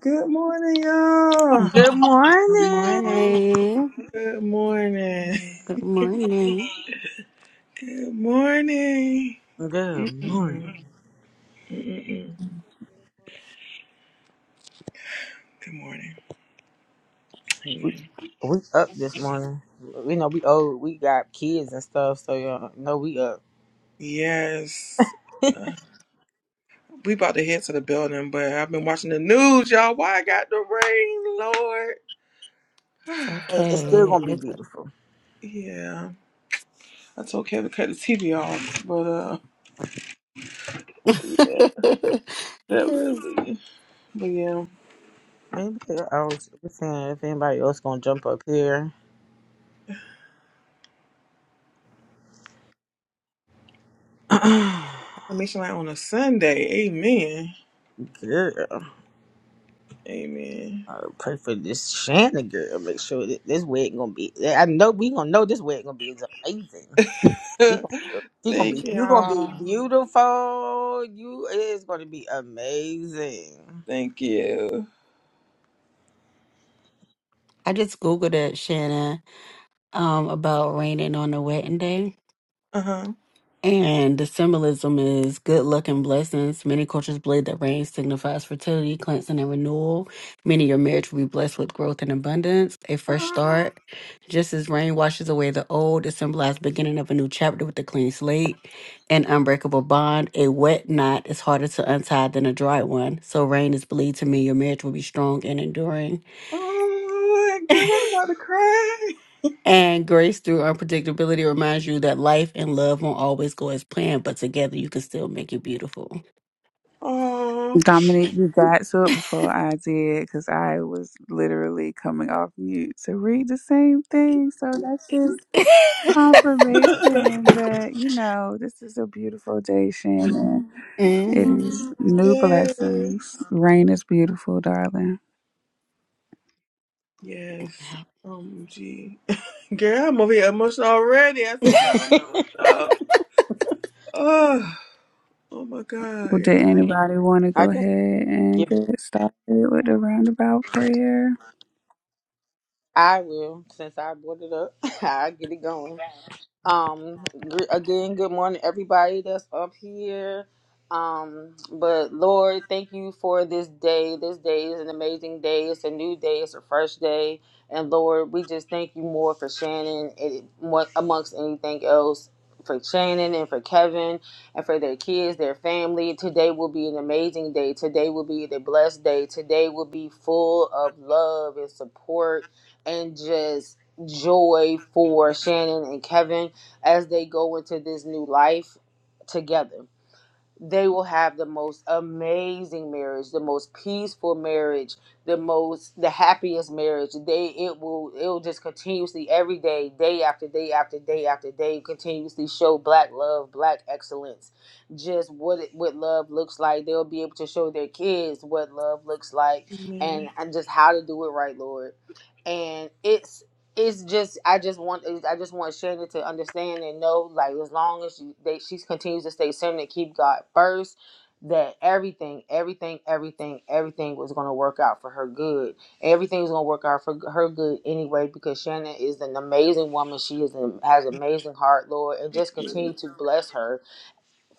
Good morning, y'all. Good Good morning. morning. Good morning. Good morning. Good morning. Good morning. Mm-mm, mm-mm. Good morning. We, Amen. we up this morning. We know we old. We got kids and stuff, so you know we up. Yes. Uh, we about to head to the building, but I've been watching the news, y'all. Why I got the rain, Lord? It's It- It's still okay. gonna be It's beautiful. yeah. I told Kevin to cut the TV off, but uh, yeah, Yes. definitely. But yeah, Anybody else? we saying if anybody else gonna jump up here, affirmation like on a Sunday. Amen. girl. Amen. I pray for this Shannon girl. Make sure that this wedding gonna be. I know we gonna know this wedding gonna be is amazing. She gonna, she gonna be. Thank You gonna be y'all. beautiful. You it is gonna be amazing. Thank you. I just Googled it, Shannon, um, about raining on a wetting day. Uh-huh. And the symbolism is good luck and blessings. Many cultures blade that rain signifies fertility, cleansing, and renewal. Many your marriage will be blessed with growth and abundance, a fresh Oh, start. Just as rain washes away the old, it symbolizes beginning of a new chapter with a clean slate, an unbreakable bond. A wet knot is harder to untie than a dry one. So rain is believed to mean your marriage will be strong and enduring. oh, girl, I'm about to cry. And grace through unpredictability reminds you that life and love won't always go as planned, but together you can still make it beautiful. Oh, Dominic, you got to it before I did because I was literally coming off mute to read the same thing. So that's just confirmation that, you know, this is a beautiful day, Shannon. It Mhm. is new yes. blessings. Rain is beautiful, darling. Yes. Um, gee. Girl, I'm over here emotional already. I said, no, no, no. Oh, oh my God, Well, did y'all. anybody want to I go just ahead and give it. get started with the roundabout prayer? I will, since I brought it up. I'll get it going. Um, gr- again, good morning, everybody that's up here. Um, but Lord, thank you for this day. This day is an amazing day. It's a new day. It's a fresh day. And Lord, we just thank you more for Shannon and mo- amongst anything else. For Shannon and for Kevin and for their kids, their family. Today will be an amazing day. Today will be a blessed day. Today will be full of love and support and just joy for Shannon and Kevin as they go into this new life together. They will have the most amazing marriage, the most peaceful marriage, the most the happiest marriage. They it will it will just continuously every day, day after day after day after day, continuously show black love, black excellence, just what it, what love looks like. They'll be able to show their kids what love looks like Amen. and, and just how to do it right, Lord and it's it's just I just want I just want Shanda to understand and know like as long as she they, she continues to stay centered and keep God first that everything everything everything everything was going to work out for her good everything was going to work out for her good anyway because Shannon is an amazing woman she is an, has an amazing heart Lord and just Yeah. continue to bless her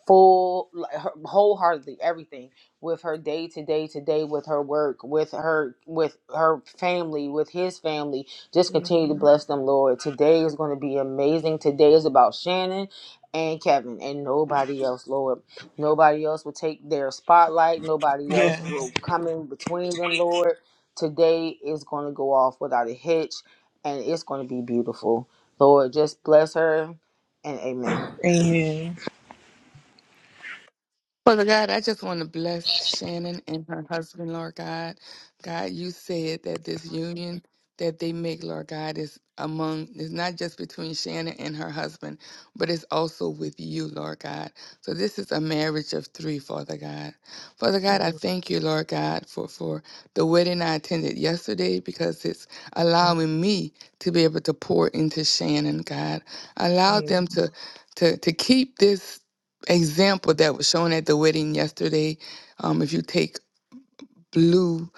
full like, wholeheartedly everything with her day to day to day with her work with her with her family with his family just continue to Amen. bless them lord today is going to be amazing today is about shannon and kevin and nobody else lord nobody else will take their spotlight nobody else Yes. will come in between them lord today is going to go off without a hitch and it's going to be beautiful lord just bless her and Amen. Amen. Father God, I just want to bless Shannon and her husband, Lord God. God, you said that this union that they make, Lord God, is among, is not just between Shannon and her husband, but it's also with you, Lord God. So this is a marriage of three, Father God. Father God, I Amen. thank you, Lord God, for, for the wedding I attended yesterday because it's allowing me to be able to pour into Shannon, God. Allow Amen. them to to to keep this example that was shown at the wedding yesterday. Um, if you take blue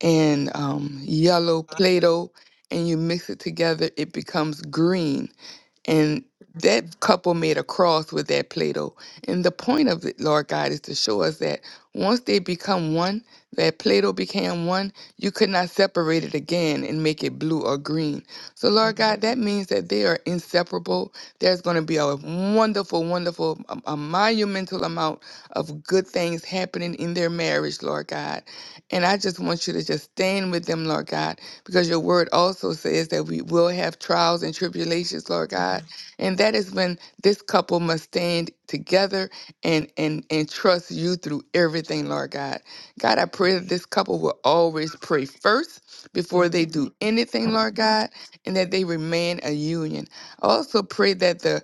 and um, yellow Play Doh and you mix it together, it becomes green. And that couple made a cross with that Play Doh. And the point of it, Lord God, is to show us that once they become one, that Play Doh became one, you could not separate it again and make it blue or green. So, Amen. Lord Amen. God, that means that they are inseparable. There's going to be a wonderful, wonderful, a, a monumental amount of good things happening in their marriage, Lord God. And I just want you to just stand with them, Lord God because your word also says that we will have trials and tribulations, Lord God. Amen. And that is when this couple must stand together and and and trust you through everything, Lord God. God, I pray that this couple will always pray first before they do anything, Lord God, and that they remain a union. I also pray that the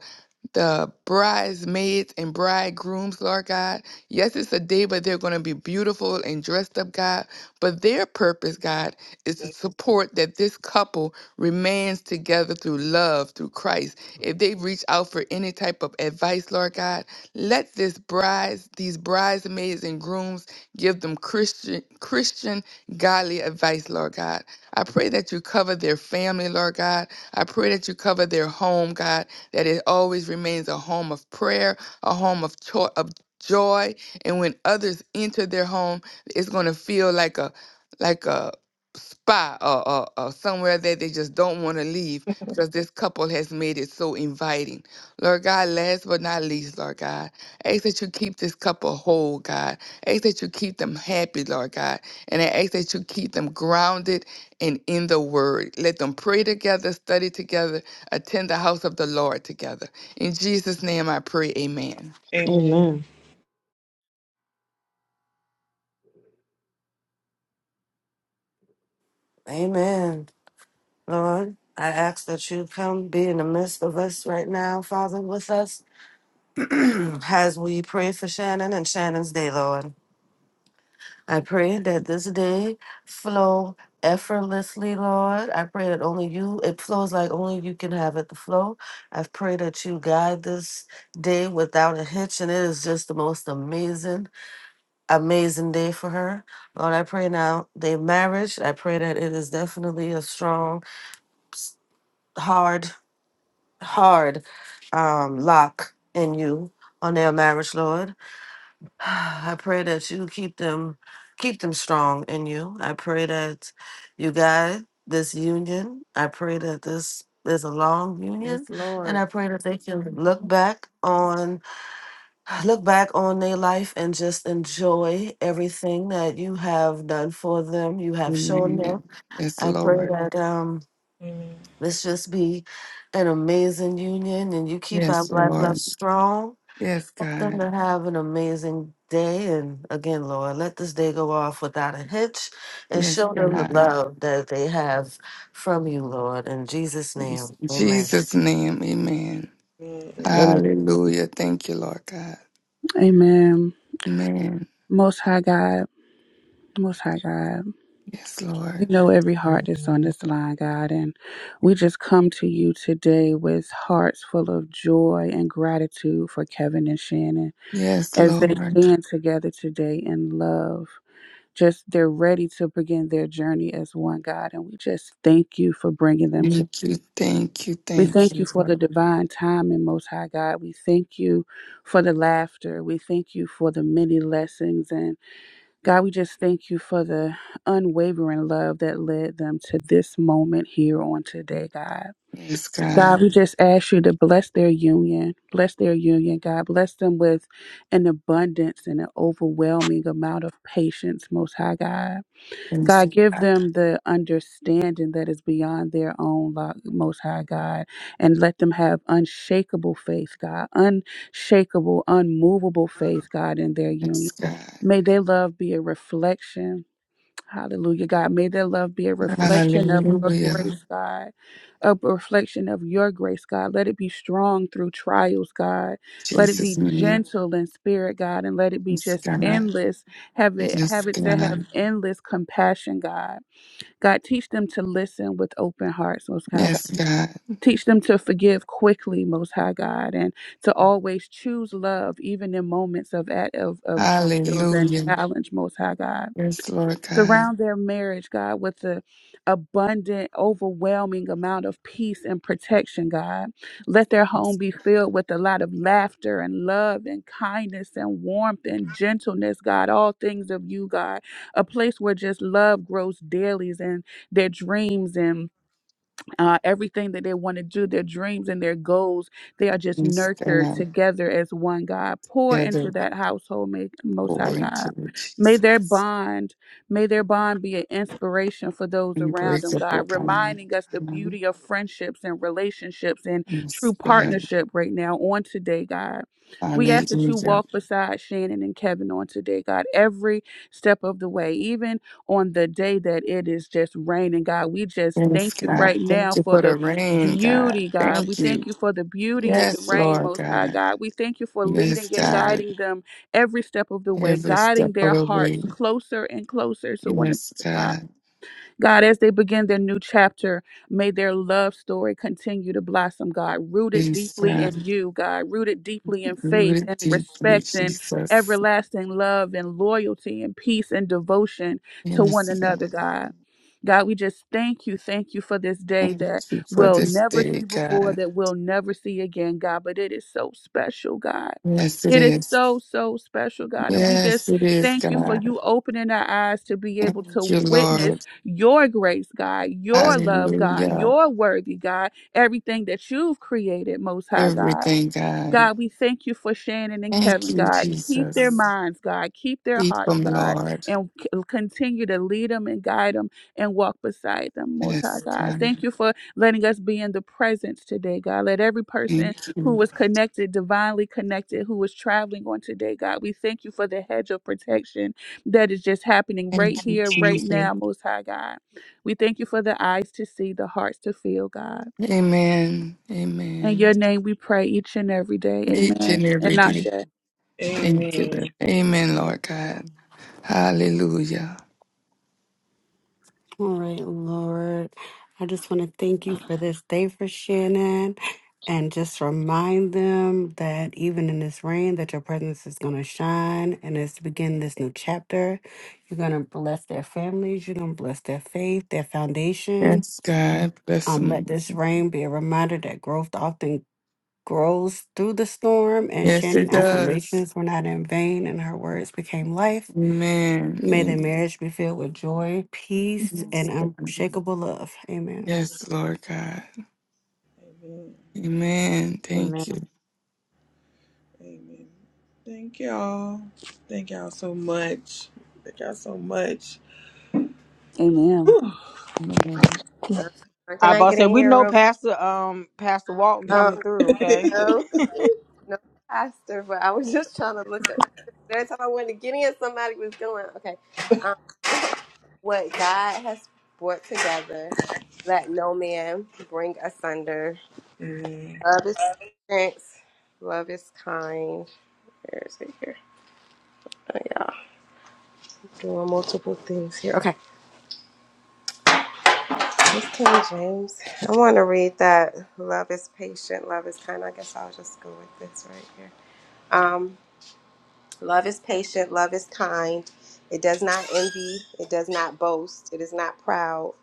the bridesmaids and bridegrooms, Lord God. Yes, it's a day, but they're going to be beautiful and dressed up, God. But their purpose, God, is to support that this couple remains together through love, through Christ. If they reach out for any type of advice, Lord God, let this brides, these bridesmaids and grooms give them Christian, Christian godly advice, Lord God. I pray that you cover their family, Lord God. I pray that you cover their home, God that it always remains a home of prayer, a home of, cho- of joy. And when others enter their home, it's going to feel like a, like a, spa or, or, or somewhere that they just don't want to leave because this couple has made it so inviting. Lord God, last but not least, Lord God, ask that you keep this couple whole, God. Ask that you keep them happy, Lord God. And I ask that you keep them grounded and in the word. Let them pray together, study together, attend the house of the Lord together. In Jesus' name I pray, amen. amen Amen. Amen. Lord, I ask that you come be in the midst of us right now, Father, with us as we pray for Shannon and Shannon's day, Lord. I pray that this day flow effortlessly, Lord. I pray that only you, it flows like only you can have it to flow. I pray that you guide this day without a hitch, and it is just the most amazing, amazing day for her. Lord, I pray now, their marriage, I pray that it is definitely a strong, hard hard um, lock in you on their marriage, Lord. I pray that you keep them keep them strong in you. I pray that you guide this union. I pray that this is a long Yes, union and I Lord. pray that they can look back on look back on their life and just enjoy everything that you have done for them, you have shown them. Amen. Yes, I pray Lord. that um Let's just be an amazing union and you keep our Yes, Black love Lord. strong. Yes, Help them God. to have an amazing day. And again, Lord, let this day go off without a hitch and Yes, show them the God. love that they have from you, Lord. In Jesus' In name, amen. Jesus' name, amen. Amen. Hallelujah. Thank you, Lord God. Amen. Amen. Most High God, Most High God. Yes, You Lord. know every heart that's on this line, God, and we just come to you today with hearts full of joy and gratitude for Kevin and Shannon Yes, as they Lord. stand together today in love. Just they're ready to begin their journey as one, God, and we just thank you for bringing them to. Thank you, thank you, We thank thank you, you for Lord. the divine timing, Most High God. We thank you for the laughter. We thank you for the many lessons. and God, we just thank you for the unwavering love that led them to this moment here on today, God. Yes, God, God. we just ask you to bless their union. Bless their union, God. Bless them with an abundance and an overwhelming amount of patience, Most High God. Yes, God, give God. them the understanding that is beyond their own, Lo- Most High God, and let them have unshakable faith, God, unshakable, unmovable faith, God, in their Yes, union. God. May their love be a reflection Hallelujah, God. May their love be a reflection of your Hallelujah. grace, God. A reflection of your grace, God. Let it be strong through trials, God. Let it be Jesus, name. gentle in spirit, God, and let it be Yes, just God. endless. Have it have Yes, it to have God. endless compassion, God. God, teach them to listen with open hearts, most high God. Yes, God. Teach them to forgive quickly, most high God, and to always choose love even in moments of at of, of trials and Hallelujah. challenge, most high God. Yes, Lord God. Surround their marriage, God, with the abundant, overwhelming amount of peace and protection, God. Let their home Yes, be filled with a lot of laughter and love and kindness and warmth and gentleness, God, all things of you, God. A place where just love grows daily and their dreams and uh, everything that they want to do, their dreams and their goals, they are just yes, nurtured God. together as one God. Pour Gather, into that household, may, Most High pour into God. me, May their Jesus. bond, may their bond be an inspiration for those around them, Unbreakable God, God. Yes, reminding us the beauty of friendships and relationships and true God. partnership right now on today, God. We ask that you Hallelujah. walk beside Shannon and Kevin on today, God, every step of the way, even on the day that it is just raining, God. We just Yes, thank you God. right now Thank you for for the the rain, God. beauty, God. We Thank you. thank you for the beauty and the Yes, rain, Lord Most High God. God. We thank you for Yes, leading and God. guiding them every step of the way, Every guiding step of their the way. hearts closer and closer to one Yes, another, God. God. God, as they begin their new chapter, may their love story continue to blossom, God, rooted Yes, deeply in God. you, God, rooted deeply in Root faith it and deeply, respect and Jesus. everlasting love and loyalty and peace and devotion to one Yes, God. another, God. God, we just thank you, thank you for this day Thank that you for we'll this never day, see before, God. that we'll never see again, God. But it is so special, God. Yes, it It is is. so, so special, God. And we just Yes, it is, thank you for God. you opening our eyes to be able to Thank you, witness Lord. your grace, God, your love, God, Hallelujah. your worthy, God, everything that you've created, Most High God. Everything, God. God, we thank you for Shannon and Thank Kevin, you, God. Keep their Amen. Jesus. minds, God. Keep their Keep hearts, them, God. Lord. And c- continue to lead them and guide them and walk beside them, Most High Yes, God. God. Thank you for letting us be in the presence today, God. Let every person Thank who you. was connected, divinely connected, who was traveling on today, God, we thank you for the hedge of protection that is just happening right Thank you, here, right Jesus. now, Most High God. We thank you for the eyes to see, the hearts to feel, God. Amen. In Amen. your name we pray each and every day. Each Amen. and And every not day. share. Amen. Thank you. Amen. Lord. Amen, Amen. Lord God. Hallelujah. All right, Lord. I just want to thank you for this day for Shannon and just remind them that even in this rain that your presence is going to shine and as to begin this new chapter, you're going to bless their families, you're going to bless their faith, their foundation. Yes, God. Bless Um, let them. this rain be a reminder that growth often grows through the storm, and Yes, it Shannon's does. affirmations were not in vain, and her words became life. Amen. May their Amen. marriage be filled with joy, peace, Yes, and God. unshakable love. Amen. Yes, Lord God. Amen. Amen. Amen. Thank you. Amen. Thank y'all. Thank y'all so much. Thank y'all so much. Amen. Whew. Amen. Uh, can I I about get in said we here know real quick? Pastor um Pastor Walton coming Um, through, okay? no, no, pastor. But I was just trying to look up. Every time I wanted to get in, somebody was doing okay. Um, what God has brought together, let no man bring asunder. Amen. Love is patient. Love is kind. Where is it here? Oh, yeah. Doing multiple things here. Okay. This King James. I want to read that. Love is patient. Love is kind. I guess I'll just go with this right here. Um. Love is patient, love is kind. It does not envy, it does not boast, it is not proud,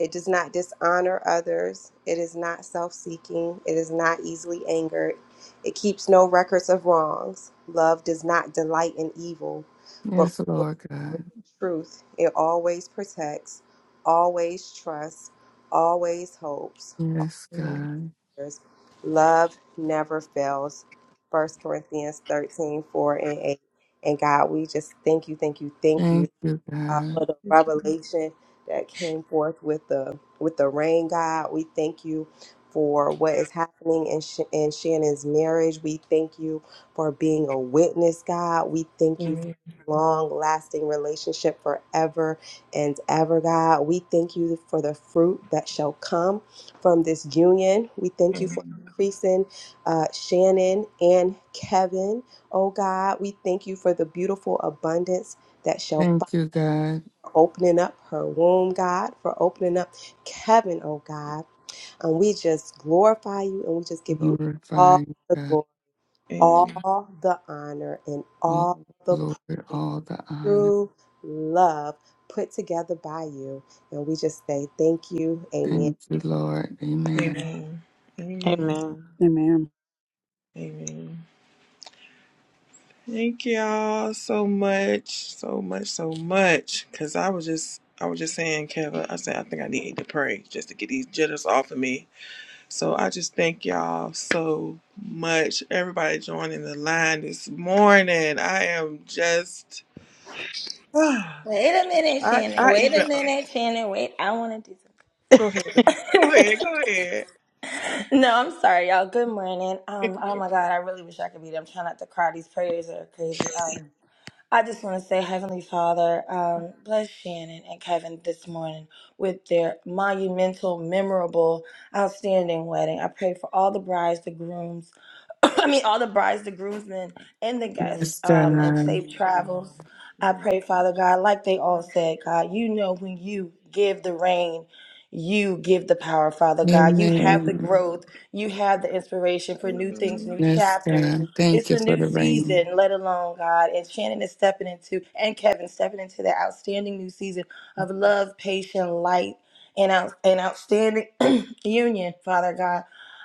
it does not dishonor others, it is not self seeking, it is not easily angered, it keeps no records of wrongs. Love does not delight in evil, but Yes, rejoices Lord with God. the truth. It always protects, always trusts, always hopes. Yes, always Amen. God. perseveres. Love never fails. First Corinthians 13 4 and 8. And God, we just thank you, thank you, thank you Thank you, uh, for God. the revelation that came forth with the with the rain god we thank you for what is happening in, Sh- in shannon's marriage we thank you for being a witness god we thank you for Amen. long lasting relationship forever and ever god we thank you for the fruit that shall come from this union we thank you for Amen. increasing uh, shannon and kevin oh god we thank you for the beautiful abundance that shall follow Thank you, God. opening up her womb, God, for opening up Kevin, oh God. And we just glorify you and we just give you Glorify all you, the God. glory, Amen. all the honor, and all All the the glory, praise all the honor. through love put together by you. And we just say thank you. Amen. Thank you, Lord. Amen. Amen. Amen. Amen. Amen. Amen. Thank y'all so much, so much, so much. Cause I was just, I was just saying, Kevin. I said, I think I need to pray just to get these jitters off of me. So I just thank y'all so much. Everybody joining the line this morning. I am just I Wait a minute, Shannon. I Wait even a uh, minute, Shannon. Wait, I want to do something. go ahead. babe. Go ahead. Go ahead. No, I'm sorry, y'all. Good morning. Um, oh my God, I really wish I could be there. I'm trying not to cry. These prayers are crazy. Um, I just want to say, Heavenly Father, um, bless Shannon and Kevin this morning with their monumental, memorable, outstanding wedding. I pray for all the brides, the grooms, I mean, all the brides, the groomsmen, and the guests, Yes, um, and God. safe travels. I Mm, pray, Father God, like they all said, God, you know when you give the rain, you give the power, Father God. You have the Amen. growth, you have the inspiration for new things, Amen. new Yes, chapters. God. Thank It's you a for new the rain. season, let alone God. And Shannon is stepping into, and Kevin stepping into that outstanding new season of love, patient light, and out, an outstanding union, Father God.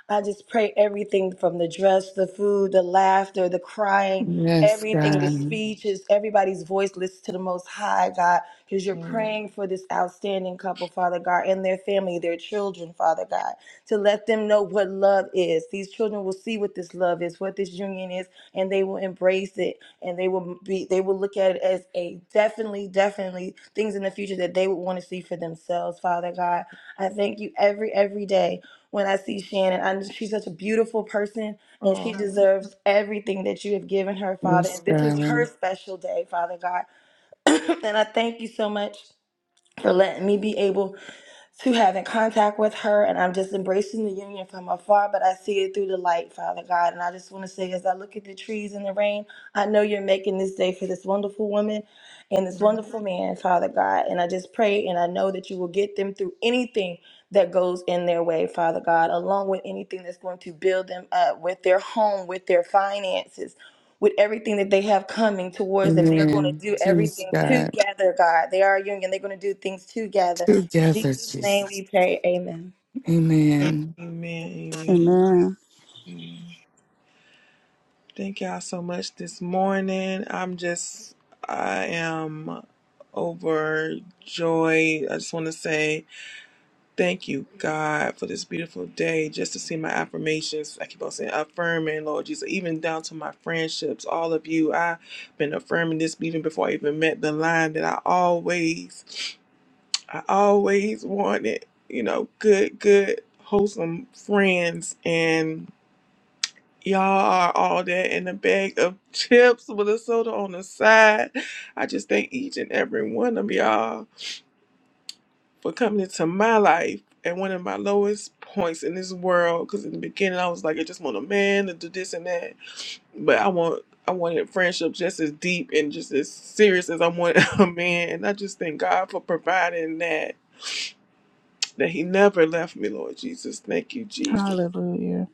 I just pray everything from the dress, the food, the laughter, the crying, Yes, everything, Mm, the God. speeches, everybody's voice listen to the Most High, God, because you're mm. praying for this outstanding couple, Father God, and their family, their children, Father God to let them know what love is. These children will see what this love is, what this union is, and they will embrace it. And they will be they will look at it as a definitely, definitely things in the future that they would want to see for themselves. Father God, I thank you every every day when I see Shannon. I know she's such a beautiful person and Oh, she deserves everything that you have given her, Father. Yes, And this is her God. special day, Father God. and I thank you so much for letting me be able to having contact with her and I'm just embracing the union from afar, but I see it through the light, Father God. And I just want to say, as I look at the trees and the rain, I know you're making this day for this wonderful woman and this mm, wonderful man, Father God. And I just pray and I know that you will get them through anything that goes in their way, Father God, along with anything that's going to build them up with their home, with their finances. With everything that they have coming towards them, they are going to Amen. do Choose everything God. together, God. They are a union. They're going to do things together. In Together, Jesus' name we Jesus. pray, amen. Amen. amen. Amen. Amen. Mm. Thank y'all so much this morning. I'm just I am overjoyed. I just want to say Thank you, God, for this beautiful day. Just to see my affirmations, I keep on saying affirming, Lord Jesus, even down to my friendships, all of you. I've been affirming this even before I even met the line that I always, I always wanted, you know, good, good, wholesome friends. And y'all are all that in a bag of chips with a soda on the side. I just thank each and every one of y'all for coming into my life at one of my lowest points in this world. Because in the beginning, I was like, I just want a man to do this and that, but I want I wanted friendship just as deep and just as serious as I wanted a man. And I just thank God for providing that that He never left me, Lord Jesus. Thank you, Jesus. Hallelujah.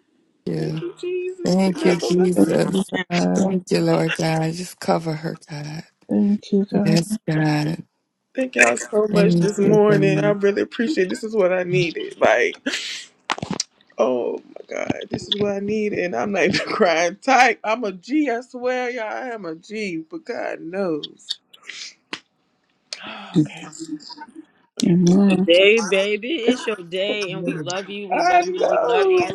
Thank Thank you. you, Jesus. He Thank you, never left Thank me. Aw. Jesus. God. Thank you, It's Lord God. Just cover her, God. Thank you, God. Yes, God. Thank y'all so much Thank this you, morning. I God. really appreciate. it. This is what I needed. Like. Oh my God, this is what I need, and I'm not even crying tight. I'm a G, I swear, y'all. I am a G, but God knows. Okay, okay. your Amen. day, baby. It's your day, and we Mm. love you. We I love you. We love you. know.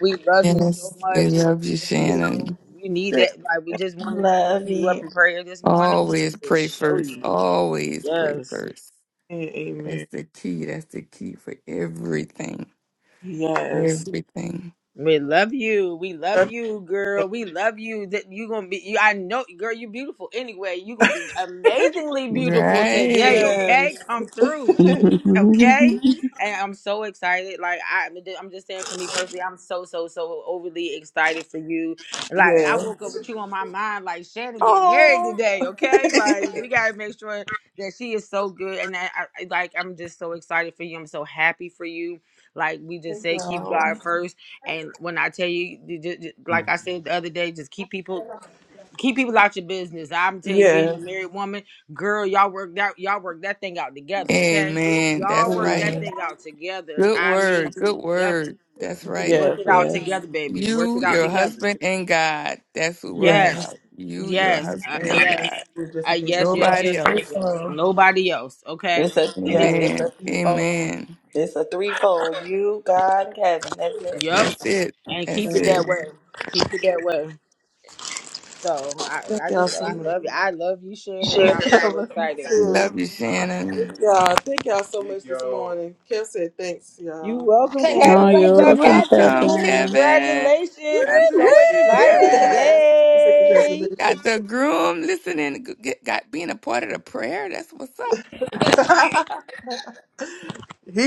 We love you so Yes, we much. And love you, just, you know, Shannon. you need Dang, that. Like, we just wanted to bring Love you up you. in prayer this morning Always to pray just show first. you. Always pray Yes. first. That's amen. the key. That's the key for everything. Yes. Everything. We love you. We love you, girl. We love you. That you gonna be. You, I know, girl. You beautiful. Anyway, you gonna be amazingly beautiful today. Right. Yes. Okay, come through okay and i'm so excited like I, i'm just saying for me personally i'm so so so overly excited for you like i woke up yes. with you on my mind like shannon get married Oh. today okay like we gotta make sure that she is so good and that I, I- like i'm just so excited for you i'm so happy for you like we just say keep wow. god first and when i tell you, you ju- ju- like i said the other day just keep people keep people out your business. I'm tell you, being a yes. married woman, girl, y'all work that y'all work that thing out together, okay? Amen. Y'all That's work that right. Amen. thing out together. Good I mean, word. Good together. word. That's G- right. Work Yes. it out Yes. together, baby. Work it You, out your together. husband, and God. That's who work it Yes. Yes, out. You, your yes, uh, husband, and yes, God. Just uh, in case. yes, yes, Yeah, Nobody yes, yes, else. yes. threefold. Nobody else, okay? It's a And if yeah, Amen. it's a Amen. threefold. Amen. It's a threefold. You, God, and Kevin. That's it. yep, That's it. and keep That's it Amen. that it. way. Keep it that way. So I, Thank I y'all just, so I much. love you. I love you, Shannon, and I'm so I love you excited. We too. love you, Shannon. Yeah, thank y'all so much this morning. Kev said thanks, You y'all. welcome, Woo, oh, Kevin. We you're You're love Congratulations, welcome, you Kevin. welcome, too. cousin. Kevin. Congratulations. We God woo. so bless you, he excited. Kevin. Woo! said Yay. congratulations. he Got the groom listening. g- Get, got being a part of the prayer. That's what's up.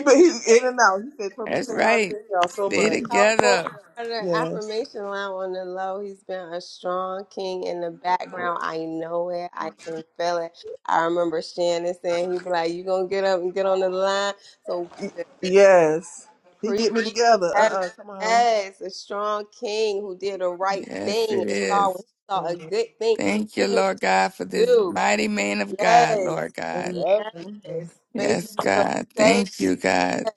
but he in and out. He said probably That's tell y'all right. thank y'all so Stay much. helpful together. part of the Yes, affirmation line on the low. He's been a strong king in the background. I know it. I can feel it. I remember Shannon saying he'd be like, You gonna get up and get on the line. So Y- we yes. He pre get me together. Uh heaven. uh come on. Yes, a strong king who did the right Yes, thing it and saw is. saw a Amen. good thing Thank he you, knew Lord God, for to this do. mighty man of God, Yes, Lord God. Amen. Yep. yes. Made sure Yes, feel God. safe. Thank you, God.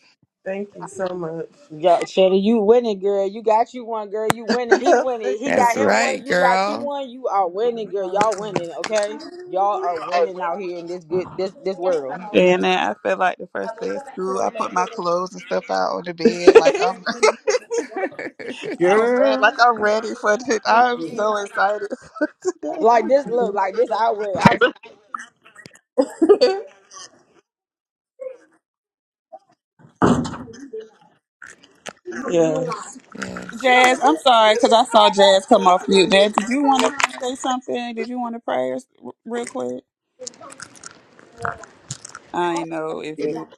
Thank you so much. Yeah, Shelly, you winning, girl. You got you one, girl. You winning. thank He y'all winning. He got That's him one. right, You got you girl. one. You are for winning, being girl. Y'all powerful. winning, okay? Y'all are winning out here in this good this this world. And then I feel like the first day of school, I put my clothes and stuff out on the bed. Like I'm, I'm ready. Girl. Like I'm ready for it. I'm so excited for today. Like this look, like this outward. I'm yes. yes. Jazz, I'm sorry because I saw Jazz come off mute. Jazz, did you want to say something? Did you want to pray or s- r- real quick? Oh, I know if yeah. you.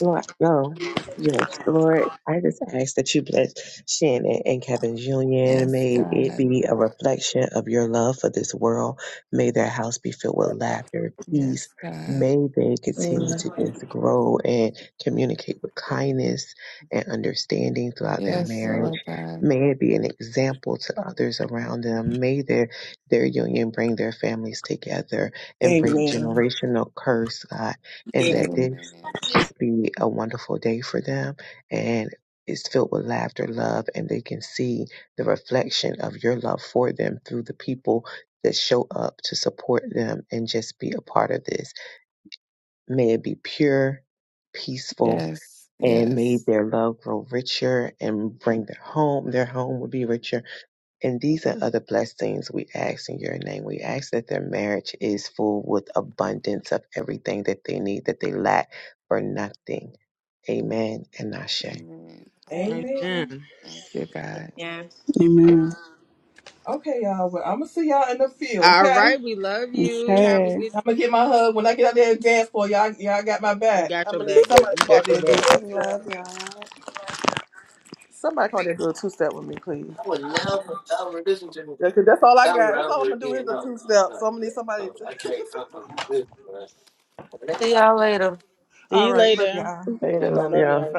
Lord, no, yes, Lord, I just ask that you bless Shannon and Kevin's union. Yes, May it God. be a reflection of your love for this world. May their house be filled with laughter, Yes, peace. God. May they continue Mm. to just grow and communicate with kindness and understanding throughout their Yes, marriage. Lord God. May it be an example to others around them. May their, their union bring their families together and break Amen. generational curse, God and Yeah. that this Amen. just be a wonderful day for them and it's filled with laughter, love, and they can see the reflection of your love for them through the people that show up to support them and just be a part of this. May it be pure, peaceful, Yes. and may Yes. their love grow richer and bring their home. Their home will be richer and these are other blessings, we ask in your name. We ask that their marriage is full with abundance of everything that they need, that they lack for nothing. Amen and Ashe. Amen. Yeah. Amen. Amen. Thank you, God. Yeah. Amen. Okay, y'all. Well, I'm gonna see y'all in the field. All Okay. right, we love you. Have a Okay. good I'm gonna get my hug when I get out there and dance for y'all. Y'all got my we back. got I'm your gonna need back, girl. somebody We to come out got there your and do a back. two step. Love y'all. Somebody come out there and do a two step with me, please. Yeah, 'cause that's all I got. That's all I'm gonna do is a two step. So I'm gonna need somebody to. See y'all later. See All you right, love later. y'all. Amen. I Love Love y'all. y'all.